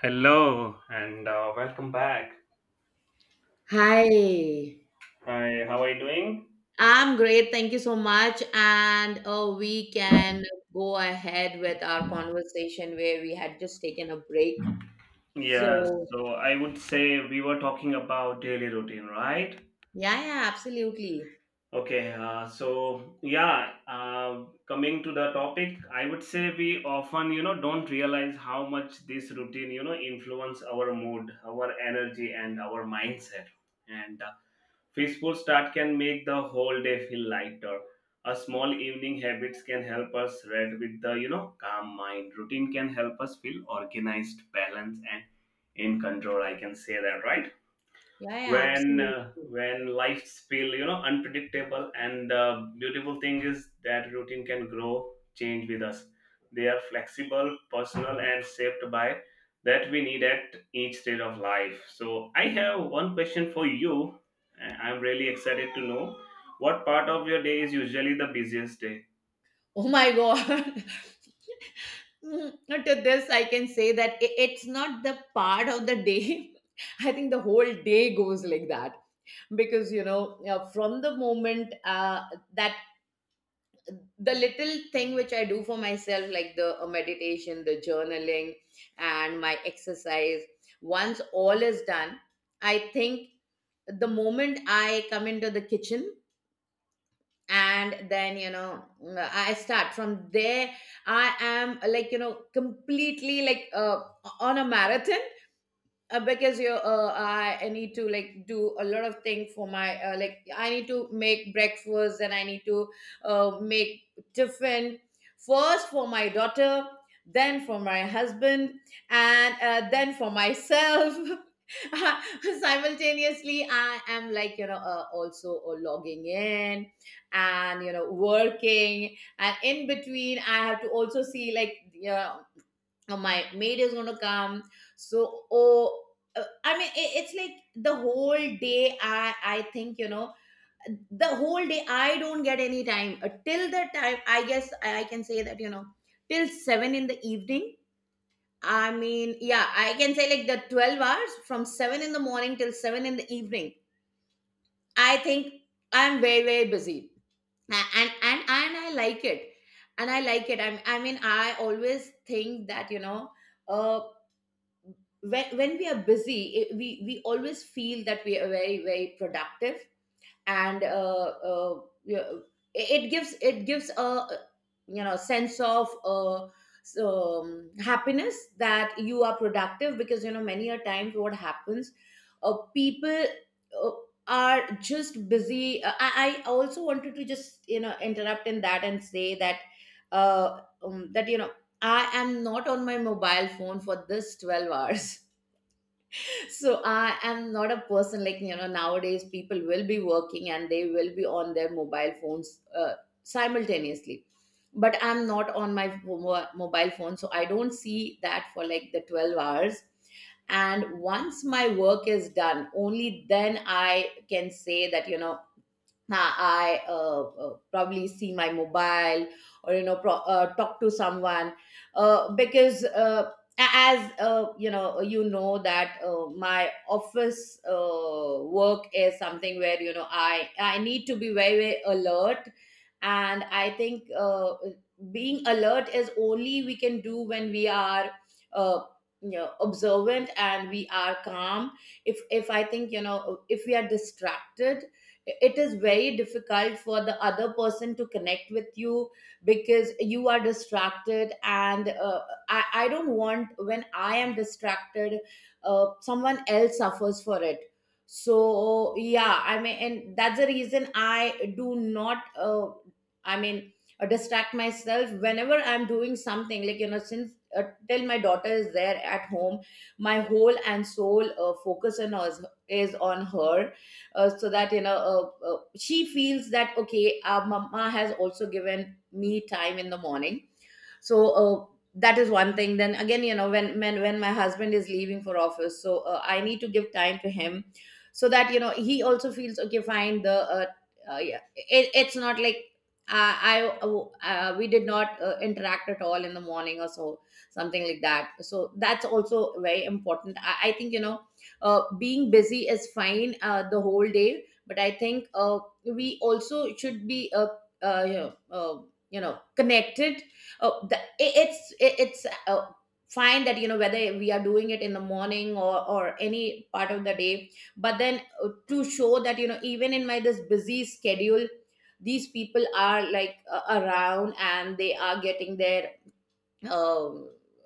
Hello and welcome back. Hi, Hi, how are you doing? I'm great. Thank you so much. And we can go ahead with our conversation where we had just taken a break. Yes, So, so I would say we were talking about daily routine, right? yeah, yeah, absolutely. Okay, so yeah, coming to the topic, I would say we often, don't realize how much this routine, influence our mood, our energy, and our mindset. And Peaceful start can make the whole day feel lighter. A small evening habits can help us read with the calm mind. Routine can help us feel organized, balanced, and in control. I can say that, right? Yeah, yeah, When absolutely. When life's feel unpredictable, and the beautiful thing is that routine can grow change with us. They are flexible, personal, and shaped by that we need at each stage of life. So I have one question for you, and I'm really excited to know, what part of your day is usually the busiest day? Oh my God. To this, I can say that it's not the part of the day. I think the whole day goes like that because, from the moment that the little thing which I do for myself, like the meditation, the journaling, and my exercise. Once all is done, I think the moment I come into the kitchen and then, you know, I start from there. I am like, you know, completely on a marathon, because I need to like do a lot of things for my, like I need to make breakfast and I need to make tiffin first for my daughter, then for my husband, and then for myself. Simultaneously I am like, you know, also logging in and, you know, working. And in between I have to also see, like, yeah, oh, my maid is going to come, so, oh, I mean, it's like the whole day I think, you know, the whole day I don't get any time. Till the time I guess I can say that, you know, till 7 in the evening. I mean, yeah, I can say like the 12 hours from 7 in the morning till 7 in the evening. I think I'm very very busy. And I like it and I like it. I mean, I always think that, you know, uh. When we are busy, we always feel that we are very very productive. And we are- it gives a, you know, sense of happiness that you are productive, because you know many a times what happens, people uh, are just busy. I also wanted to just, you know, interrupt in that and say that, that you know I am not on my mobile phone for this 12 hours. So I am not a person like, you know, nowadays people will be working and they will be on their mobile phones, simultaneously. But I'm not on my mobile phone, so I don't see that for like the 12 hours. And once my work is done, only then I can say that, you know. Nah, I probably see my mobile or, you know, talk to someone, because a- as you know, you know that my office work is something where, you know, I need to be very very alert. And I think, being alert is only we can do when we are, uh, you know, observant and we are calm. If I think, you know, if we are distracted, it is very difficult for the other person to connect with you because you are distracted. And I don't want, when I am distracted, someone else suffers for it. So yeah, I mean, and that's the reason I do not, I mean, distract myself whenever I'm doing something, like, you know, since, till my daughter is there at home, my whole and soul focus on us is on her. So that, you know, she feels that okay, our mama has also given me time in the morning. So, that is one thing. Then again, you know, when my husband is leaving for office, so, I need to give time to him. So that, you know, he also feels okay fine. The, yeah, it's not like I we did not interact at all in the morning or so, something like that. So that's also very important. I think, you know, being busy is fine, the whole day. But I think, we also should be, uh, you know, uh, you know, connected. Oh, the, it, it's Fine that, you know, whether we are doing it in the morning or any part of the day. But then, to show that, you know, even in my this busy schedule, these people are like, around, and they are getting their, uh,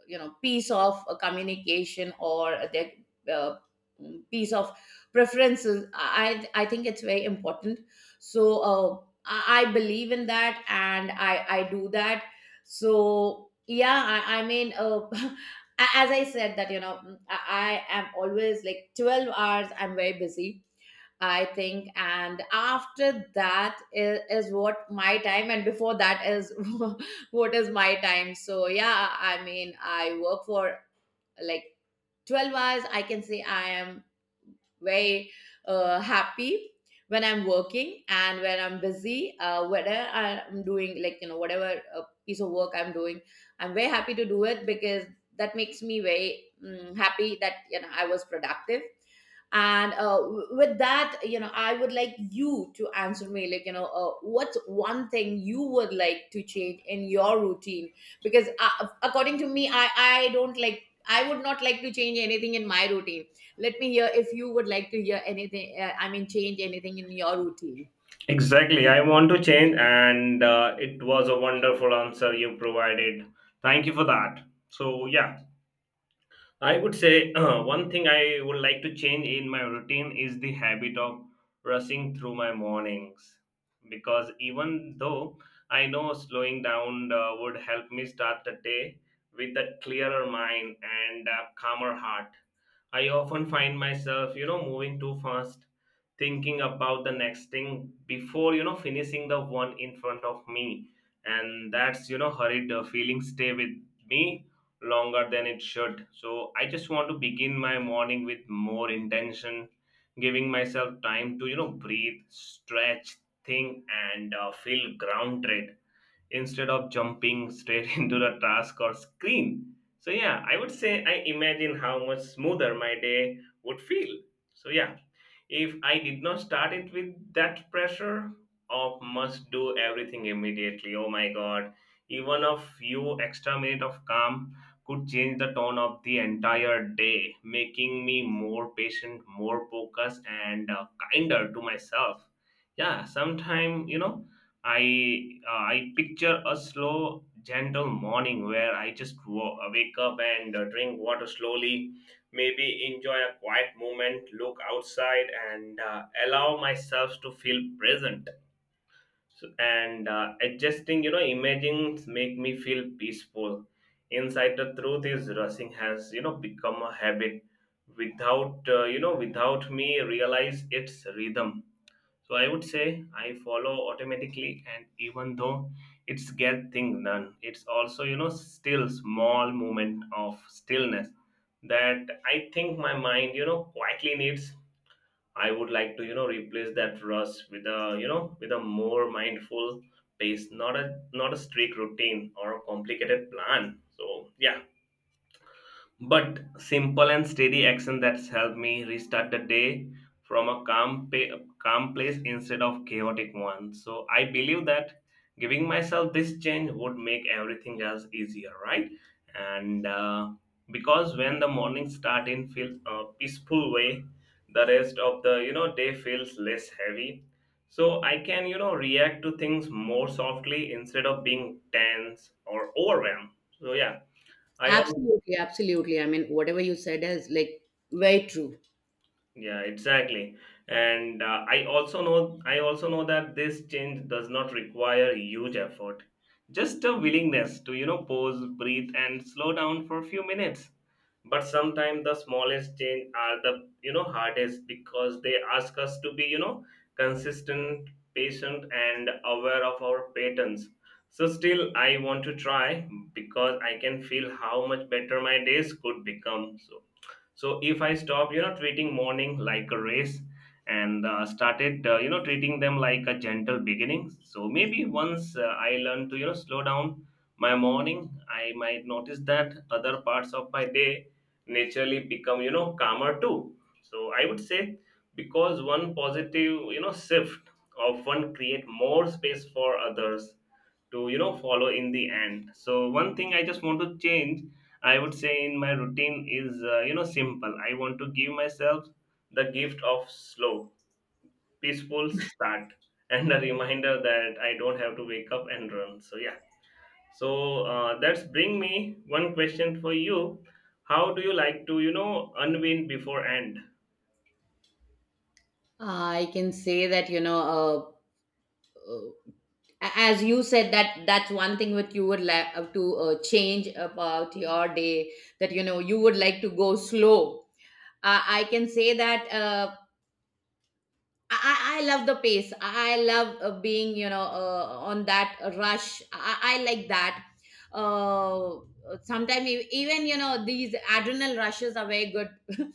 you know, piece of a communication, or their, uh, piece of preferences, I think it's very important. So, I believe in that, and I do that. So yeah, I mean, as I said that, you know, I am always like 12 hours I'm very busy, I think. And after that is what my time, and before that is what is my time. So, yeah, I mean, I work for like 12 hours, I can say. I am very happy when I'm working and when I'm busy, whether I'm doing, like, you know, whatever piece of work I'm doing, I'm very happy to do it, because that makes me very happy that, you know, I was productive. And with that, you know, I would like you to answer me, like, you know, what's one thing you would like to change in your routine? Because, according to me, I don't like, I would not like to change anything in my routine. Let me hear if you would like to hear anything, I mean, change anything in your routine. Exactly. I want to change, and it was a wonderful answer you provided. Thank you for that. So, yeah. I would say one thing I would like to change in my routine is the habit of rushing through my mornings, because even though I know slowing down would help me start the day with a clearer mind and a calmer heart, I often find myself, moving too fast, thinking about the next thing before, finishing the one in front of me. And that's, hurried feelings stay with me longer than it should. So I just want to begin my morning with more intention, giving myself time to, breathe, stretch, think, and feel grounded instead of jumping straight into the task or screen. So yeah, I would say I imagine how much smoother my day would feel. So yeah, if I did not start it with that pressure of must do everything immediately, oh my god, even a few extra minutes of calm could change the tone of the entire day, making me more patient, more focused, and kinder to myself. Yeah, sometimes, I picture a slow, gentle morning where I just wake up and drink water slowly, maybe enjoy a quiet moment, look outside, and allow myself to feel present. So, and adjusting, images make me feel peaceful. Inside the truth is rushing has, become a habit without, without me realize its rhythm, so I would say I follow automatically, and even though it's get thing done, it's also still small moment of stillness that I think my mind quietly needs. I would like to replace that rush with a with a more mindful pace, not a strict routine or a complicated plan. So yeah, but simple and steady action that's helped me restart the day from a calm place instead of chaotic one. So I believe that giving myself this change would make everything else easier, right? And because when the morning start in feels a peaceful way, the rest of the day feels less heavy, so I can react to things more softly instead of being tense or overwhelmed. So yeah, I also. Absolutely, absolutely. I mean, whatever you said is like, very true. Yeah, exactly. And I also know that this change does not require huge effort. Just a willingness to, pause, breathe, and slow down for a few minutes. But sometimes the smallest change are the, hardest, because they ask us to be, consistent, patient, and aware of our patterns. So still I want to try, because I can feel how much better my days could become. So, so if I stop treating morning like a race, and started treating them like a gentle beginning, so maybe once I learn to slow down my morning, I might notice that other parts of my day naturally become calmer too. So I would say, because one positive shift of one create more space for others to follow in the end. So one thing I just want to change, I would say in my routine, is simple. I want to give myself the gift of slow, peaceful start, and a reminder that I don't have to wake up and run. So yeah. So that's bring me one question for you. How do you like to unwind before end? I can say that, you know, uh, as you said that that's one thing that you would like to change about your day. That, you know, you would like to go slow. I can say that. I love the pace. I love being, you know, on that rush. I like that. Uh, Sometimes even, you know, these adrenal rushes are very good.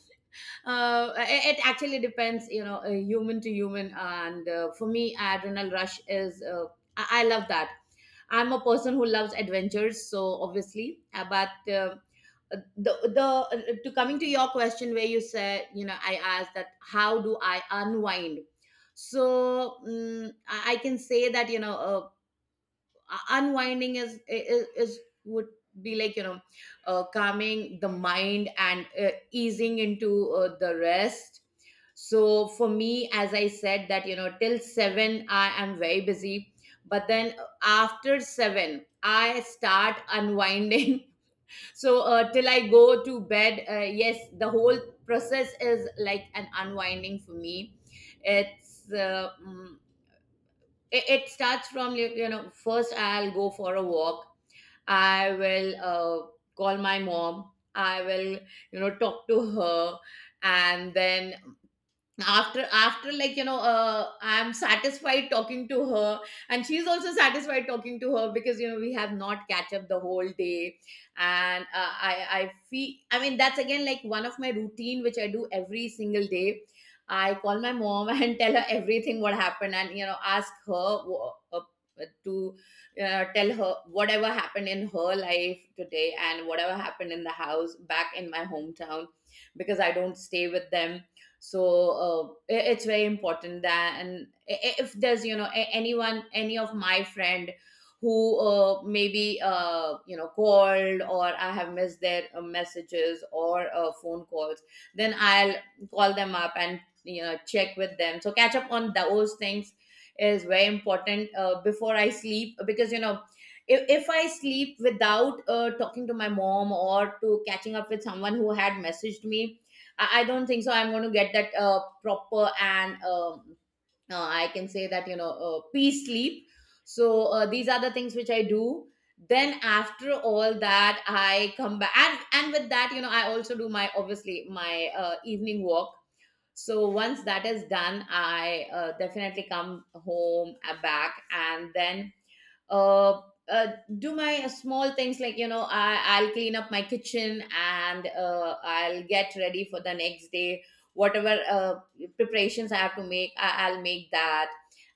It, it actually depends, you know, human to human. And for me adrenal rush is, I love that. I'm a person who loves adventures, so obviously, but the to coming to your question where you said, you know, I asked that how do I unwind. So I can say that, you know, unwinding is would be like, you know, calming the mind and easing into the rest. So for me, as I said that, you know, till 7 I am very busy. But then, after 7 I start unwinding. So, till I go to bed, yes, the whole process is like an unwinding for me. it's uh, mm, it starts from you, you know, first I'll go for a walk. I will, call my mom. I will, you know, talk to her. And then after like, you know, I'm satisfied talking to her, and she's also satisfied talking to her, because, you know, we have not catch up the whole day. And I feel, I mean, that's again like one of my routine which I do every single day. I call my mom and tell her everything what happened, and, you know, ask her, wh- to tell her whatever happened in her life today, and whatever happened in the house back in my hometown, because I don't stay with them. So, it's very important that. And if there's, you know, anyone, any of my friend who, maybe you know, called, or I have missed their messages or phone calls, then I'll call them up and, you know, check with them. So catch up on those things is very important before I sleep. Because, you know, if I sleep without talking to my mom, or to catching up with someone who had messaged me, I don't think so I'm going to get that proper and, I can say that, you know, peace sleep. So, these are the things which I do. Then after all that, I come back. And with that, you know, I also do my obviously my evening walk. So once that is done, I definitely come home back and then uh, uh, do my small things like you know I'll clean up my kitchen and I'll get ready for the next day whatever preparations I have to make I'll make that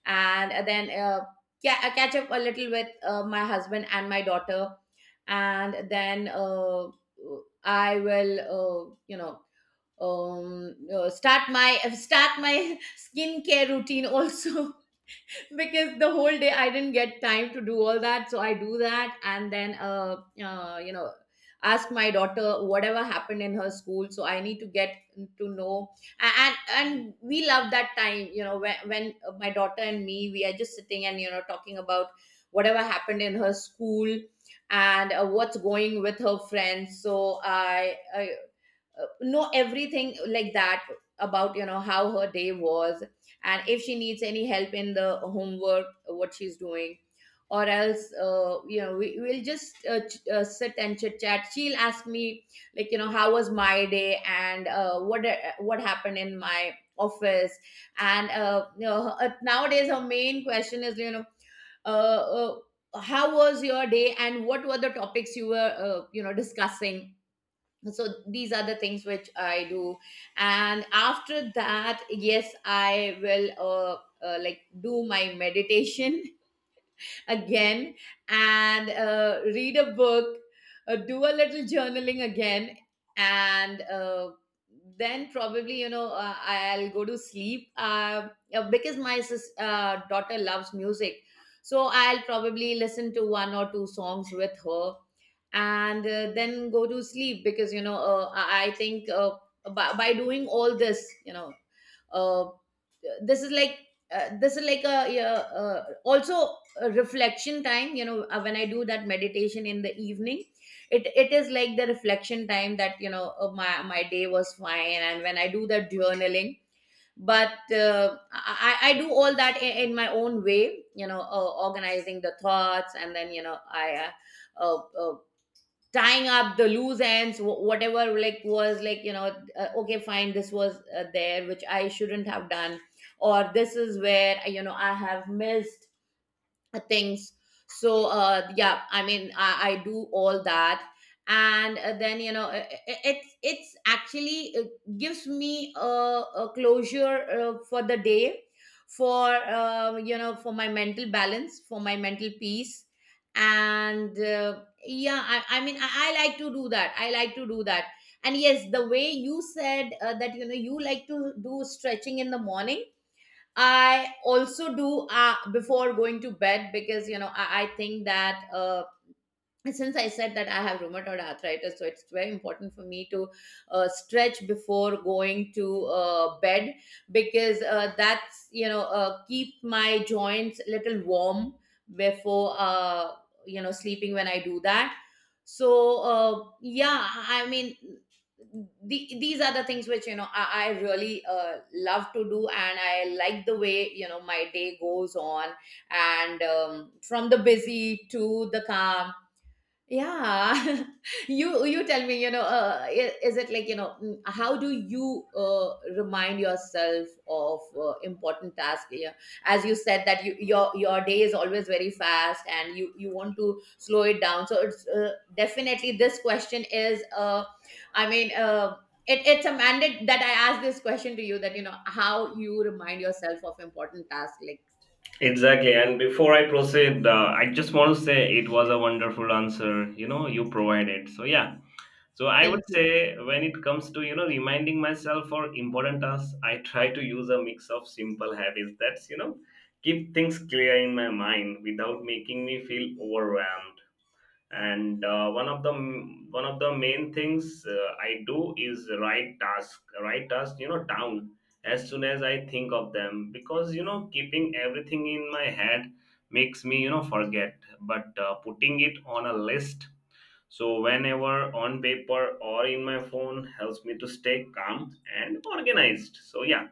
and then yeah, I catch up a little with my husband and my daughter and then I will you know start my skincare routine also because the whole day I didn't get time to do all that. So I do that and then, you know, ask my daughter whatever happened in her school. So I need to get to know. And we love that time, you know, when my daughter and me, we are just sitting and, you know, talking about whatever happened in her school and what's going with her friends. So I know everything like that about you know how her day was, and if she needs any help in the homework what she's doing. Or else you know we'll just sit and chit chat. She'll ask me like you know how was my day and what happened in my office. And you know nowadays her main question is you know uh, uh, how was your day and what were the topics you were you know discussing. So these are the things which I do. And after that, yes, I will like do my meditation again, and read a book, do a little journaling again, and then probably, you know, I'll go to sleep because my daughter loves music. So I'll probably listen to one or two songs with her, and then go to sleep because, you know, I think by doing all this, you know, uh, this is like this is like a, yeah, also a reflection time, you know. When I do that meditation in the evening, it is like the reflection time that you know my day was fine, and when I do that journaling. But I do all that in my own way, you know, organizing the thoughts, and then you know I uh, uh, uh, tying up the loose ends, whatever like was like, you know, okay, fine, this was there which I shouldn't have done, or this is where you know I have missed things. So yeah, I mean I do all that. And then you know it, it's actually gives me a closure for the day, for you know, for my mental balance, for my mental peace. And yeah, I mean, I like to do that, i like to do that. And yes, the way you said that you know you like to do stretching in the morning, I also do before going to bed, because you know I think that and since I said that I have rheumatoid arthritis, so it's very important for me to stretch before going to bed, because that's you know keep my joints a little warm before you know sleeping when I do that. So yeah, I mean these are the things which you know I really love to do, and I like the way you know my day goes on, and from the busy to the calm. Yeah. You tell me, you know, is it like, you know, how do you remind yourself of important tasks? Yeah. As you said that your day is always very fast, and you want to slow it down. So it's definitely, this question is, I mean, it, it's a mandate that I ask this question to you, that, you know, how you remind yourself of important tasks. Like, Exactly. And before I proceed, I just want to say it was a wonderful answer. You know, you provided. So yeah. So I thank would you. say when it comes to reminding myself for important tasks, I try to use a mix of simple habits that's keep things clear in my mind without making me feel overwhelmed. And one of the main things I do is write task down as soon as I think of them, because keeping everything in my head makes me forget. But putting it on a list, so whenever on paper or in my phone, helps me to stay calm and organized. So yeah,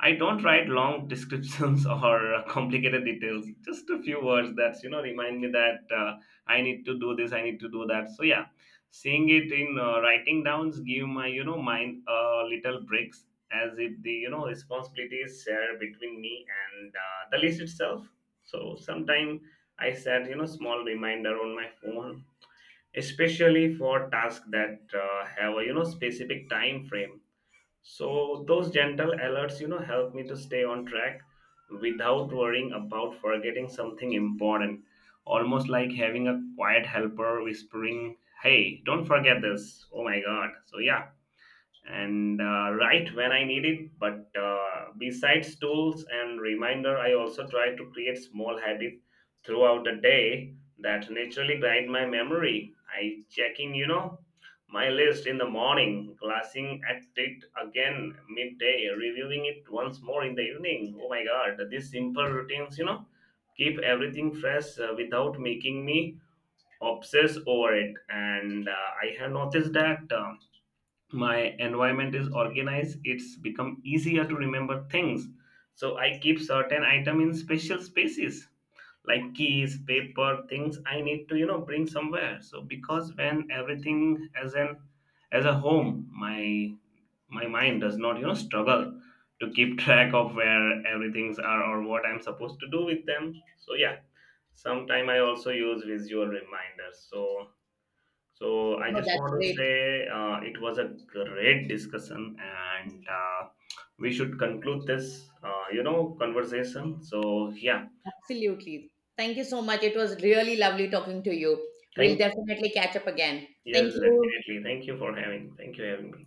I don't write long descriptions or complicated details. Just a few words that remind me that I need to do this, I need to do that. So yeah, seeing it in writing downs give my mind little breaks, as if the responsibility is shared between me and the list itself. So sometime I set small reminder on my phone, especially for tasks that have a specific time frame, so those gentle alerts, help me to stay on track without worrying about forgetting something important. Almost like having a quiet helper whispering, "Hey, don't forget this." Oh my god. So yeah, and right when I need it. But besides tools and reminder, I also try to create small habits throughout the day that naturally guide my memory. I checking, my list in the morning, glancing at it again midday, reviewing it once more in the evening. Oh my God, these simple routines, keep everything fresh without making me obsess over it. And I have noticed that my environment is organized, it's become easier to remember things. So I keep certain item in special spaces, like keys, paper, things I need to bring somewhere. So because when everything as a home, my mind does not struggle to keep track of where everything's are or what I'm supposed to do with them. So yeah, sometime I also use visual reminders. So so I Oh, just that's want to great. say it was a great discussion, and we should conclude this, conversation. So yeah, Absolutely. Thank you so much. It was really lovely talking to you. We'll thank definitely catch up again. you. Yes, Thank you. definitely. Thank you for having. Thank you having me.